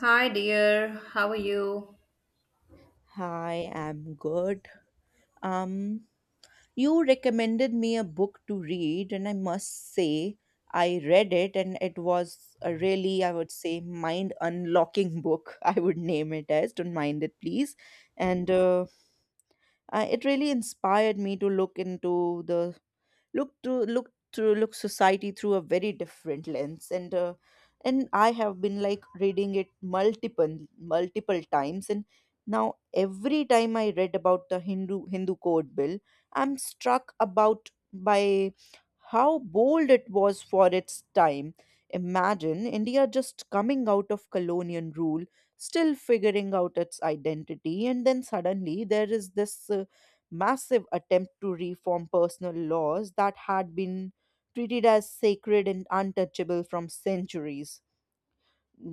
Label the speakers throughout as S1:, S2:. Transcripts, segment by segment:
S1: Hi, dear. How are you?
S2: Hi, I'm good. Um, you recommended me a book to read, and I must say, I read it, and it was a really, I would say, mind unlocking book. I would name it as. Don't mind it, please. And uh, it really inspired me to look into the look to look through look society through a very different lens and I have been like reading it multiple times. And now every time I read about the Hindu code bill, I'm struck about by how bold it was for its time. Imagine India just coming out of colonial rule, still figuring out its identity, and then suddenly there is this massive attempt to reform personal laws that had been treated as sacred and untouchable from centuries.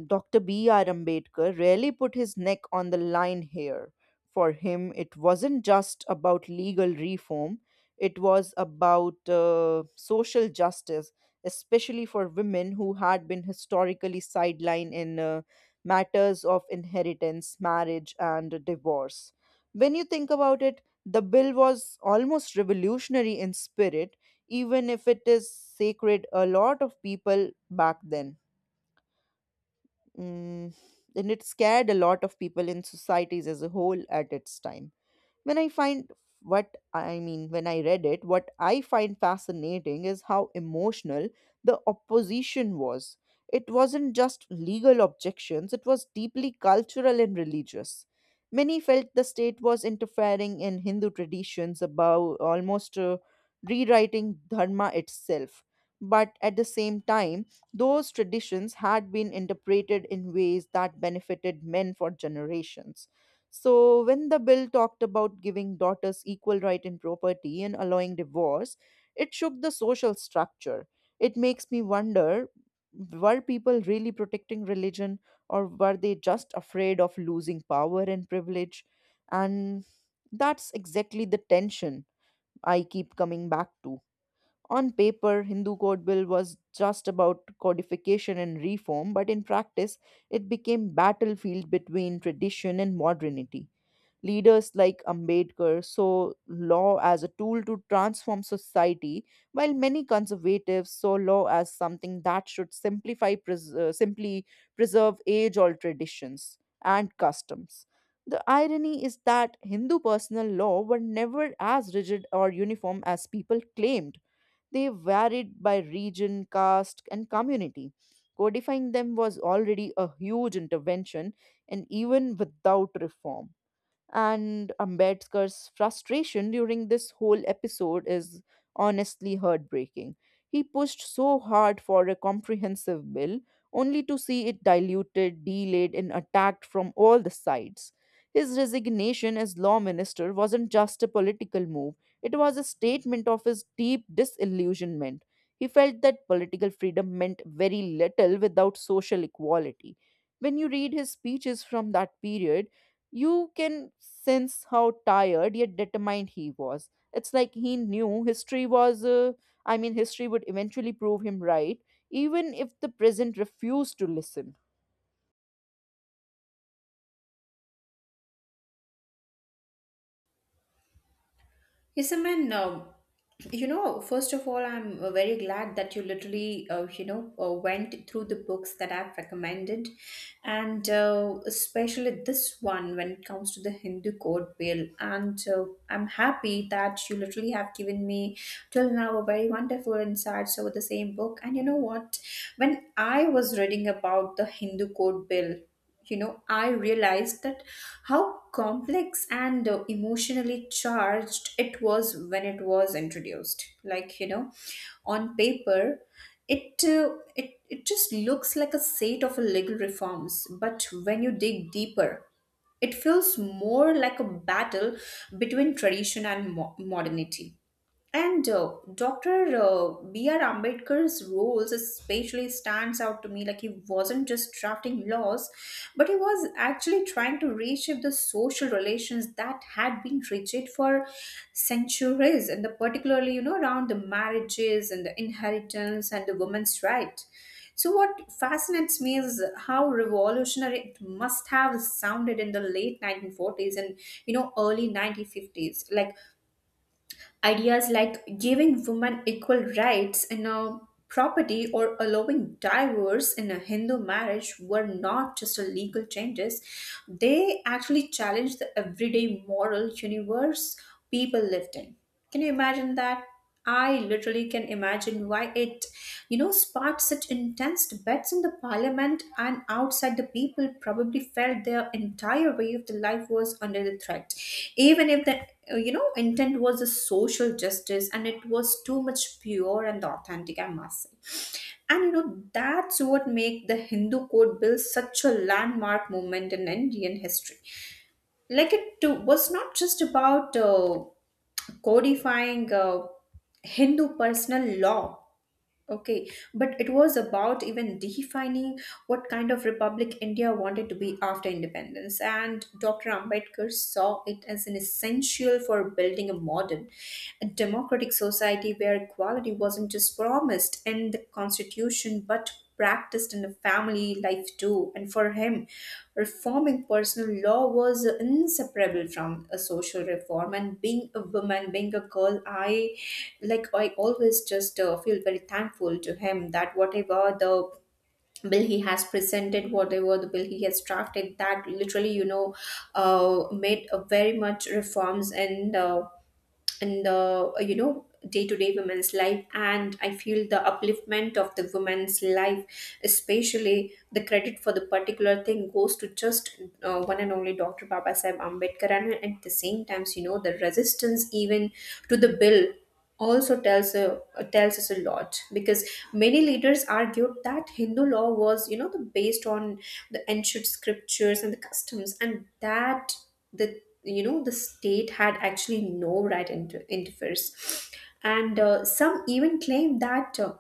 S2: Dr. B.R. Ambedkar really put his neck on the line here. For him, it wasn't just about legal reform, it was about social justice, especially for women who had been historically sidelined in matters of inheritance, marriage, and divorce. When you think about it, the bill was almost revolutionary in spirit, even if it is sacred a lot of people back then. Mm, and it scared a lot of people in societies as a whole at its time. When I find when I read it, what I find fascinating is how emotional the opposition was. It wasn't just legal objections, it was deeply cultural and religious. Many felt the state was interfering in Hindu traditions, about almost rewriting Dharma itself. But at the same time, those traditions had been interpreted in ways that benefited men for generations. So, when the bill talked about giving daughters equal right in property and allowing divorce, it shook the social structure. It makes me wonder, were people really protecting religion, or were they just afraid of losing power and privilege? And that's exactly the tension I keep coming back to. On paper, Hindu Code Bill was just about codification and reform, but in practice, it became battlefield between tradition and modernity. Leaders like Ambedkar saw law as a tool to transform society, while many conservatives saw law as something that should simply preserve age-old traditions and customs. The irony is that Hindu personal law were never as rigid or uniform as people claimed. They varied by region, caste, and community. Codifying them was already a huge intervention, and even without reform. And Ambedkar's frustration during this whole episode is honestly heartbreaking. He pushed so hard for a comprehensive bill, only to see it diluted, delayed, and attacked from all the sides. His resignation as law minister wasn't just a political move, it was a statement of his deep disillusionment. He felt that political freedom meant very little without social equality. When you read his speeches from that period, you can sense how tired yet determined he was. It's like he knew history was, I mean, history would eventually prove him right, even if the present refused to listen.
S1: Yes, I mean, first of all, I'm very glad that you literally, went through the books that I've recommended, and especially this one when it comes to the Hindu Code Bill. And I'm happy that you literally have given me till now a very wonderful insights over the same book. And you know what? When I was reading about the Hindu Code Bill, you know, I realized that how complex and emotionally charged it was when it was introduced, like, you know, on paper it uh, it just looks like a set of legal reforms, but when you dig deeper it feels more like a battle between tradition and modernity. and uh, Dr. Uh, B.R. Ambedkar's roles especially stands out to me. Like he wasn't just drafting laws, but he was actually trying to reshape the social relations that had been rigid for centuries, and the, particularly, you know, around the marriages and the inheritance and the women's right. So what fascinates me is how revolutionary it must have sounded in the late 1940s and, you know, early 1950s. Like ideas like giving women equal rights in a property or allowing divorce in a Hindu marriage were not just a legal changes, they actually challenged the everyday moral universe people lived in. Can you imagine that? I literally can imagine why it, you know, sparked such intense debates in the parliament and outside. The people probably felt their entire way of the life was under the threat, even if the, intent was a social justice and it was too much pure and authentic. I must say, and, you know, that's what make the Hindu code bill such a landmark moment in Indian history, like it too, was not just about codifying Hindu personal law, okay, but it was about even defining what kind of republic India wanted to be after independence. And Dr. Ambedkar saw it as an essential for building a modern, a democratic society where equality wasn't just promised in the constitution but practiced in the family life too. And for him, reforming personal law was inseparable from a social reform. And being a woman, being a girl, I always just feel very thankful to him that whatever the bill he has presented, whatever the bill he has drafted, that literally, you know, made a very much reforms and in the day-to-day women's life. And I feel the upliftment of the women's life, especially the credit for the particular thing goes to just one and only Dr. Baba Sahib Ambedkar. And at the same times, you know, the resistance even to the bill also tells a, tells us a lot, because many leaders argued that Hindu law was, you know, the based on the ancient scriptures and the customs, and that the, you know, the state had actually no right interferes. And some even claimed that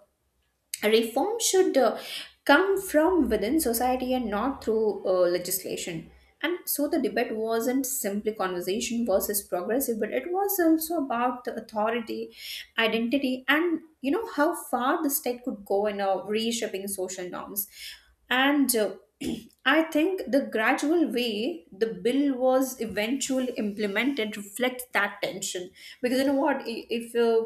S1: reform should come from within society and not through legislation. And so the debate wasn't simply conversation versus progressive, but it was also about the authority, identity, and, you know, how far the state could go in reshaping social norms and I think the gradual way the bill was eventually implemented reflects that tension, because, you know what, i- if uh,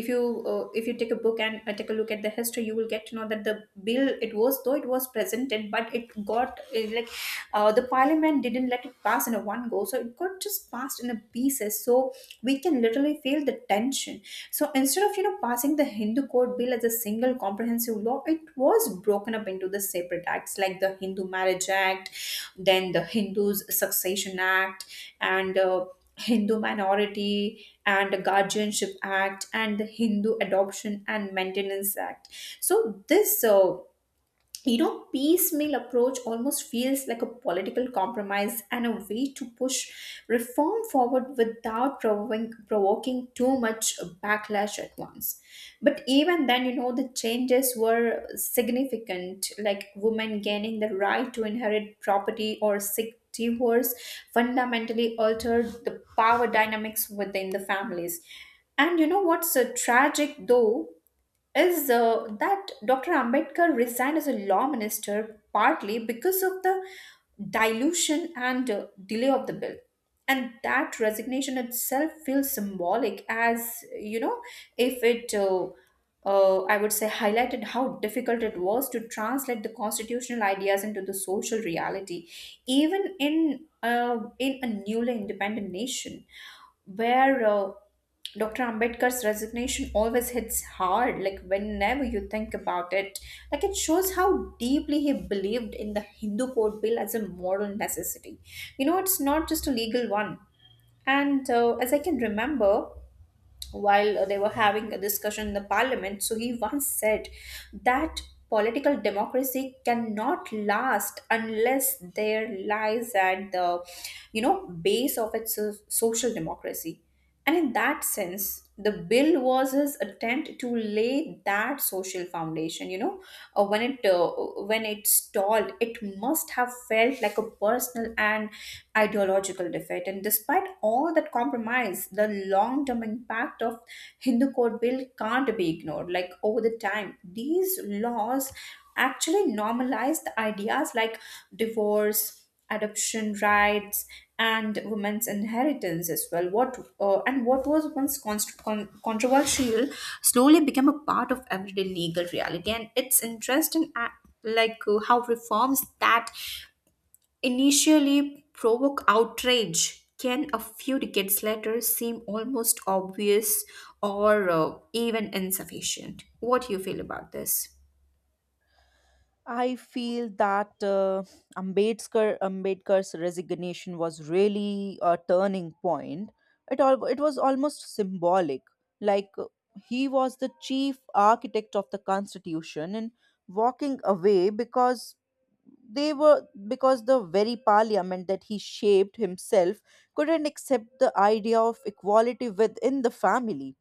S1: if you uh, if you take a book and take a look at the history, you will get to know that the bill it was though it was presented but it got the parliament didn't let it pass in a one go, so it got just passed in a pieces, so we can literally feel the tension. So instead of, you know, passing the Hindu code bill as a single comprehensive law, it was broken up into the separate acts like the Hindu Marriage Act, then the Hindus Succession Act, and Hindu Minority and the Guardianship Act and the Hindu Adoption and Maintenance Act. So this you know, piecemeal approach almost feels like a political compromise and a way to push reform forward without provoking too much backlash at once. But even then, you know, the changes were significant, like women gaining the right to inherit property or sick divorce fundamentally altered the power dynamics within the families. And, you know, what's tragic though is that Dr. Ambedkar resigned as a law minister partly because of the dilution and delay of the bill. And that resignation itself feels symbolic, as you know, if it, I would say, highlighted how difficult it was to translate the constitutional ideas into the social reality, even in a newly independent nation where Dr. Ambedkar's resignation always hits hard, like whenever you think about it. Like it shows how deeply he believed in the Hindu Code Bill as a moral necessity. You know, it's not just a legal one. And as I can remember, while they were having a discussion in the parliament, so he once said that political democracy cannot last unless there lies at the, you know, base of its social democracy. And in that sense the bill was his attempt to lay that social foundation, you know. Uh, when it uh, when it stalled, it must have felt like a personal and ideological defeat. And despite all that compromise, the long term impact of Hindu Code Bill can't be ignored. Like over the time, these laws actually normalized ideas like divorce, adoption rights, and women's inheritance as well. What and what was once controversial slowly became a part of everyday legal reality, and it's interesting. How reforms that initially provoke outrage can a few decades later seem almost obvious or even insufficient. What do you feel about this?
S2: I feel that Ambedkar's resignation was really a turning point. It was almost symbolic. Like uh, he was the chief architect of the constitution and walking away because they were because the very parliament that he shaped himself couldn't accept the idea of equality within the family.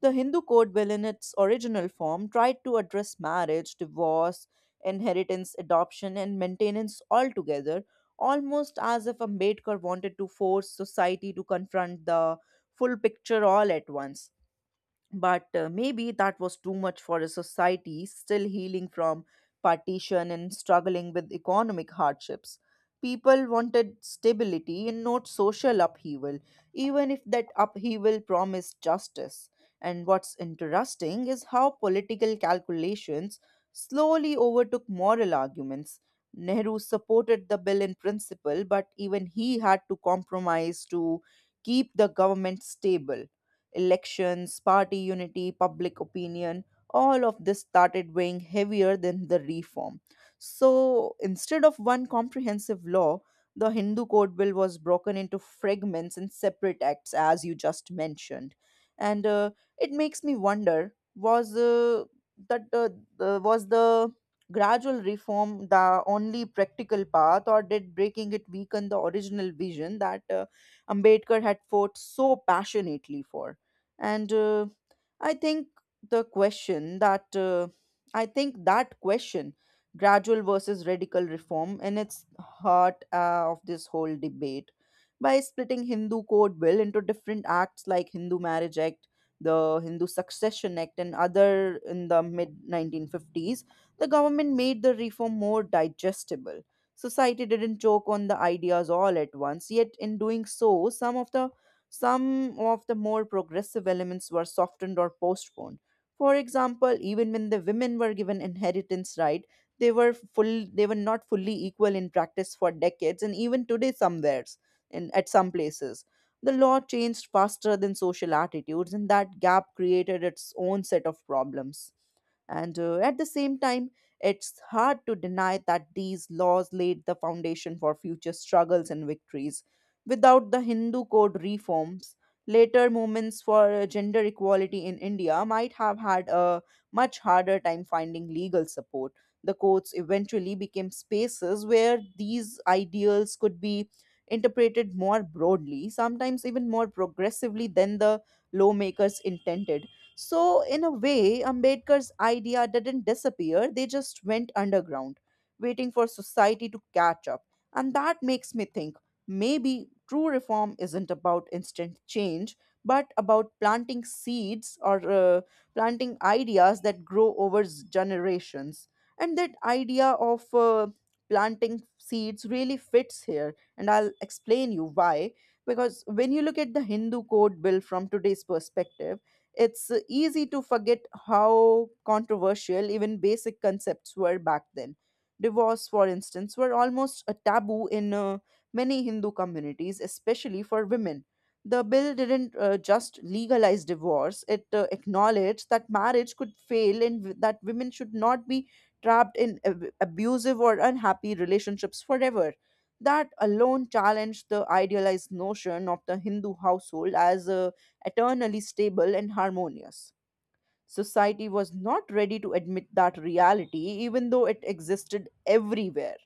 S2: The Hindu code will, in its original form, tried to address marriage, divorce, inheritance, adoption, and maintenance altogether, almost as if Ambedkar wanted to force society to confront the full picture all at once. But maybe that was too much for a society still healing from partition and struggling with economic hardships. People wanted stability and not social upheaval, even if that upheaval promised justice. And what's interesting is how political calculations slowly overtook moral arguments. Nehru supported the bill in principle, but even he had to compromise to keep the government stable. Elections, party unity, public opinion, all of this started weighing heavier than the reform. So instead of one comprehensive law, the Hindu Code Bill was broken into fragments and separate acts, as you just mentioned. And it makes me wonder was that the, was the gradual reform the only practical path, or did breaking it weaken the original vision that Ambedkar had fought so passionately for? And I think the question that I think that question, gradual versus radical reform, in its heart of this whole debate. By splitting Hindu Code Bill into different acts like Hindu Marriage Act, the Hindu Succession Act and other in the mid 1950s, the government made the reform more digestible. Society didn't choke on the ideas all at once, yet in doing so some of the more progressive elements were softened or postponed. For example, even when the women were given inheritance right, they were not fully equal in practice for decades and even today somewheres in at some places. The law changed faster than social attitudes, and that gap created its own set of problems. And At the same time, it's hard to deny that these laws laid the foundation for future struggles and victories. Without the Hindu code reforms, later movements for gender equality in India might have had a much harder time finding legal support. The courts eventually became spaces where these ideals could be interpreted more broadly, sometimes even more progressively than the lawmakers intended. So, in a way, Ambedkar's idea didn't disappear, they just went underground, waiting for society to catch up. And that makes me think, maybe true reform isn't about instant change, but about planting seeds or planting ideas that grow over generations. And that idea of planting seeds really fits here, and I'll explain you why. Because when you look at the Hindu code bill from today's perspective, it's easy to forget how controversial even basic concepts were back then. Divorce, for instance, were almost a taboo in many Hindu communities, especially for women. The bill didn't just legalize divorce, it acknowledged that marriage could fail and that women should not be trapped in abusive or unhappy relationships forever. That alone challenged the idealized notion of the Hindu household as eternally stable and harmonious. Society was not ready to admit that reality, even though it existed everywhere.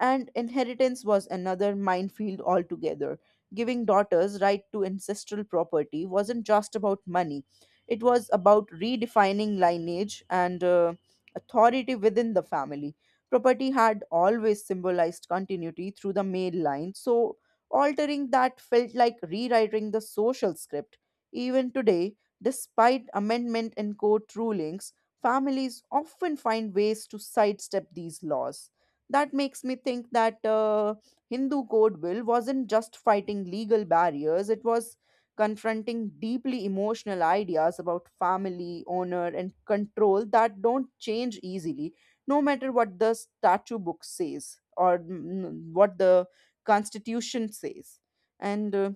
S2: And inheritance was another minefield altogether. Giving daughters right to ancestral property wasn't just about money, it was about redefining lineage and authority within the family. Property had always symbolized continuity through the male line, so altering that felt like rewriting the social script. Even today, despite amendment and court rulings, families often find ways to sidestep these laws. That makes me think that Hindu Code Bill wasn't just fighting legal barriers, it was confronting deeply emotional ideas about family, honor, and control that don't change easily, no matter what the statute book says or what the constitution says. And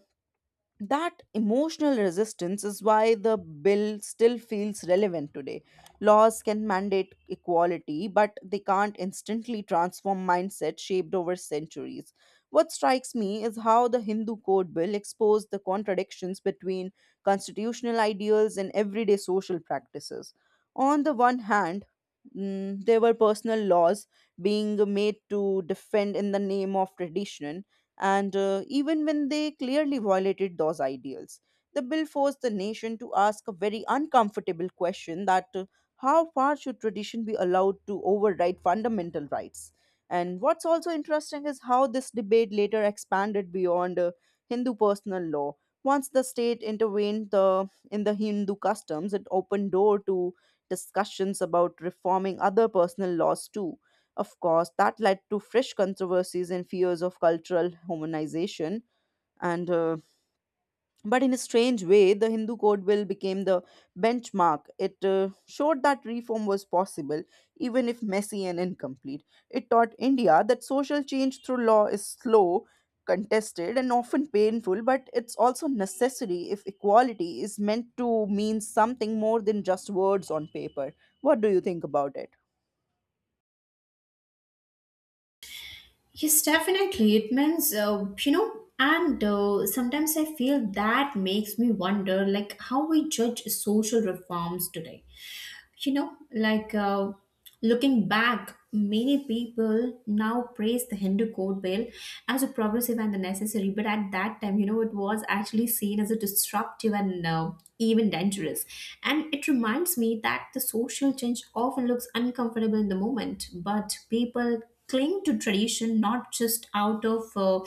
S2: That emotional resistance is why the bill still feels relevant today. Laws can mandate equality, but they can't instantly transform mindsets shaped over centuries. What strikes me is how the Hindu Code Bill exposed the contradictions between constitutional ideals and everyday social practices. On the one hand, there were personal laws being made to defend in the name of tradition and even when they clearly violated those ideals, the bill forced the nation to ask a very uncomfortable question, that how far should tradition be allowed to override fundamental rights? And what's also interesting is how this debate later expanded beyond Hindu personal law. Once the state intervened in the Hindu customs, it opened door to discussions about reforming other personal laws too. Of course, that led to fresh controversies and fears of cultural homogenization. And but in a strange way, the Hindu Code Bill became the benchmark. It showed that reform was possible, even if messy and incomplete. It taught India that social change through law is slow, contested, and often painful, but it's also necessary if equality is meant to mean something more than just words on paper. What do you think about it?
S1: Yes, definitely. It means, you know, and sometimes I feel that makes me wonder, like, how we judge social reforms today. You know, looking back, many people now praise the Hindu code bill as a progressive and the necessary, but at that time, you know, it was actually seen as a disruptive and even dangerous. And it reminds me that the social change often looks uncomfortable in the moment, but people cling to tradition not just out of,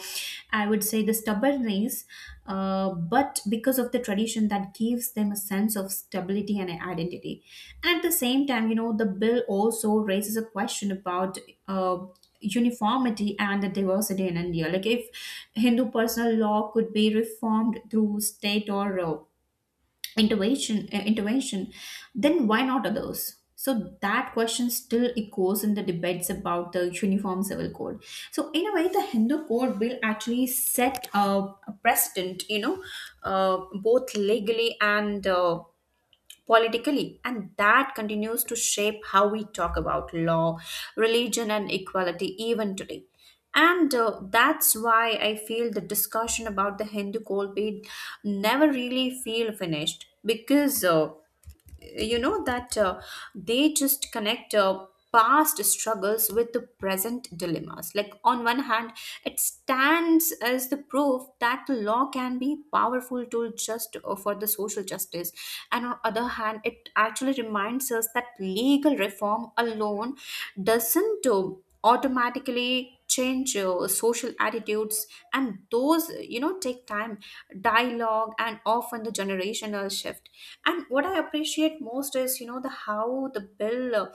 S1: I would say, the stubbornness, but because of the tradition that gives them a sense of stability and an identity. At the same time, you know, the bill also raises a question about uh, uniformity and the diversity in India. Like if Hindu personal law could be reformed through state or intervention, then why not others? So that question still echoes in the debates about the uniform civil code. So in a way the Hindu code will actually set a precedent, you know, uh, both legally and politically, and that continues to shape how we talk about law, religion, and equality even today. And that's why I feel the discussion about the Hindu coal bid never really feel finished because. You know that they just connect past struggles with the present dilemmas. Like on one hand it stands as the proof that the law can be powerful tool just for the social justice, and on other hand it actually reminds us that legal reform alone doesn't automatically change social attitudes, and those, you know, take time, dialogue, and often the generational shift. And what I appreciate most is, you know, the how the bill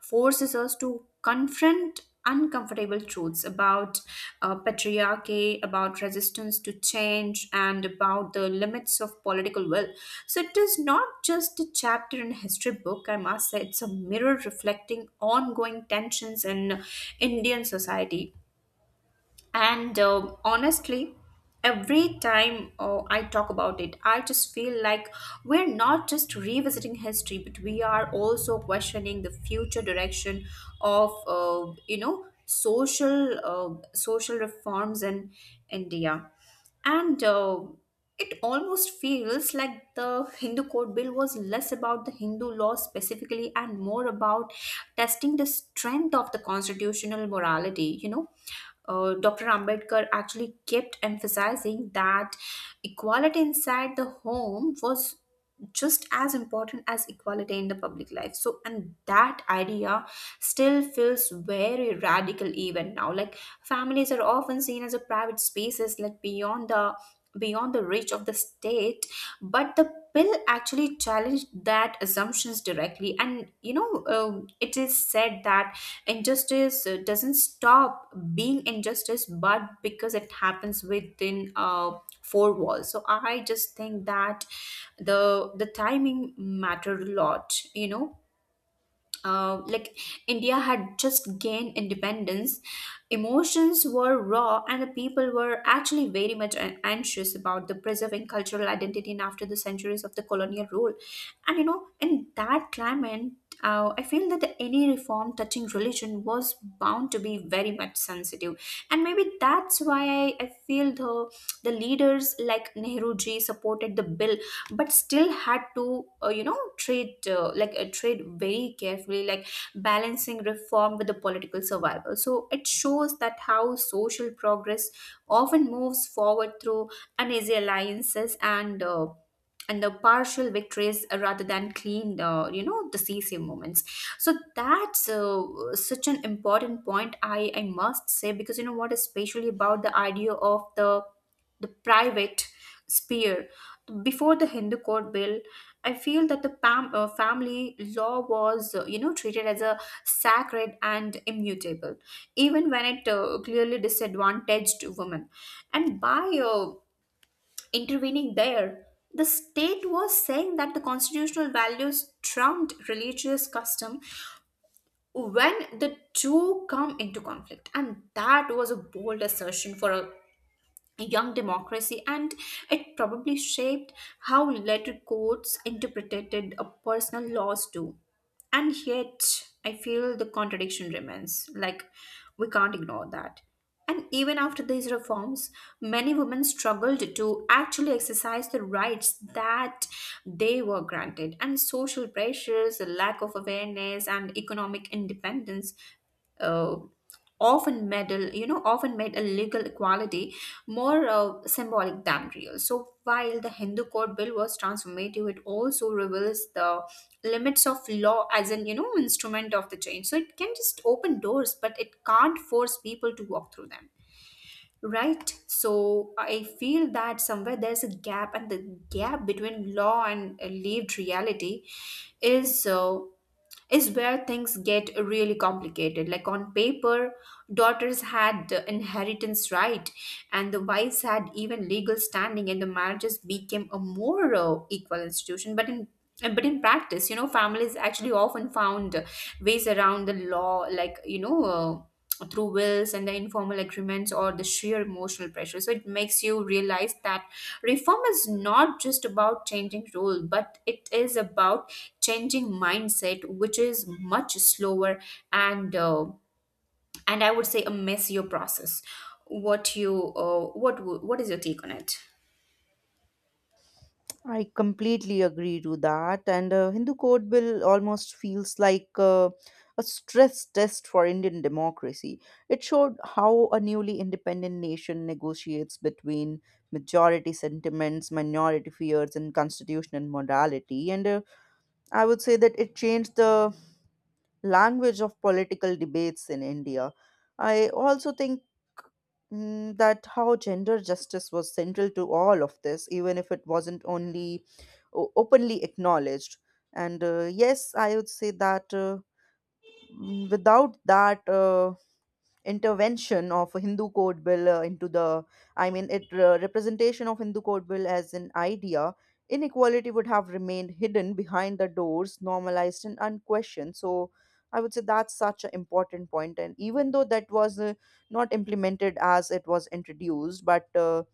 S1: forces us to confront uncomfortable truths about patriarchy, about resistance to change, and about the limits of political will. So it is not just a chapter in a history book, I must say, it's a mirror reflecting ongoing tensions in Indian society. And, um, honestly, every time I talk about it, I just feel like we're not just revisiting history, but we are also questioning the future direction of social reforms in India, and. It almost feels like the Hindu Code Bill was less about the Hindu law specifically and more about testing the strength of the constitutional morality, you know? Dr. Ambedkar actually kept emphasizing that equality inside the home was just as important as equality in the public life. So and that idea still feels very radical even now. Like families are often seen as a private spaces, like beyond the reach of the state, but the bill actually challenged that assumptions directly. And, you know, it is said that injustice doesn't stop being injustice but because it happens within a four walls. So I just think that the timing mattered a lot, you know, uh, like India had just gained independence, emotions were raw, and the people were actually very much anxious about the preserving cultural identity and after the centuries of the colonial rule. And, you know, in that climate, I feel that any reform touching religion was bound to be very much sensitive, and maybe that's why I feel the leaders like Nehruji supported the bill but still had to trade very carefully, like balancing reform with the political survival. So it shows that how social progress often moves forward through uneasy alliances and the partial victories, rather than clean, decisive moments. So that's such an important point, I must say, because, you know what, especially about the idea of the private sphere before the Hindu Code Bill, I feel that the family law was, treated as a sacred and immutable even when it clearly disadvantaged women. And by uh, intervening there, the state was saying that the constitutional values trumped religious custom when the two come into conflict, and that was a bold assertion for a young democracy. And it probably shaped how later courts interpreted personal laws too. And yet I feel the contradiction remains, like we can't ignore that. And even after these reforms, many women struggled to actually exercise the rights that they were granted, and social pressures, the lack of awareness, and economic independence Uh often medal, you know, often made a legal equality more symbolic than real. So while the Hindu code bill was transformative, it also reveals the limits of law as an, you know, instrument of the change. So it can just open doors, but it can't force people to walk through them. Right? So I feel that somewhere there's a gap, and the gap between law and lived reality is uh, is where things get really complicated. Like on paper, daughters had inheritance right, and the wives had even legal standing, and the marriages became a more equal institution. But in practice, you know, families actually often found ways around the law, like you know. Uh, Through wills and the informal agreements or the sheer emotional pressure. So it makes you realize that reform is not just about changing rule, but it is about changing mindset, which is much slower, and I would say a messier process. What is your take on it?
S2: I completely agree to that. And Hindu Code Bill almost feels like a stress test for Indian democracy. It showed how a newly independent nation negotiates between majority sentiments, minority fears, and constitutional morality. And I would say that it changed the language of political debates in India. I also think that how gender justice was central to all of this, even if it wasn't only openly acknowledged. And Yes, I would say that without that, intervention of Hindu code bill into the, I mean, it representation of Hindu code bill as an idea, inequality would have remained hidden behind the doors, normalized and unquestioned. So I would say that's such an important point. And even though that was not implemented as it was introduced, but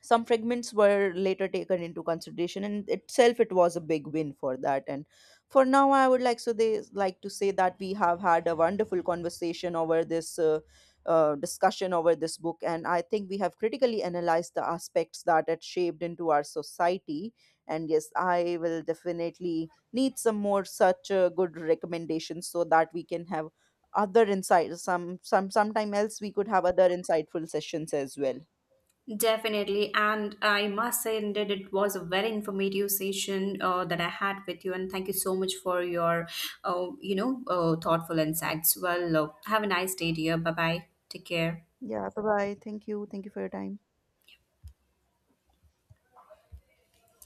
S2: some fragments were later taken into consideration and itself it was a big win for that. And for now I would like so they like to say that we have had a wonderful conversation over this discussion over this book, and I think we have critically analyzed the aspects that it shaped into our society. And yes, I will definitely need some more such good recommendations so that we can have other insight sometime else we could have other insightful sessions as well.
S1: Definitely, and I must say, indeed, it was a very informative session that I had with you, and thank you so much for your, thoughtful insights. Well, have a nice day, dear. Bye bye. Take care.
S2: Yeah, bye bye. Thank you for your time.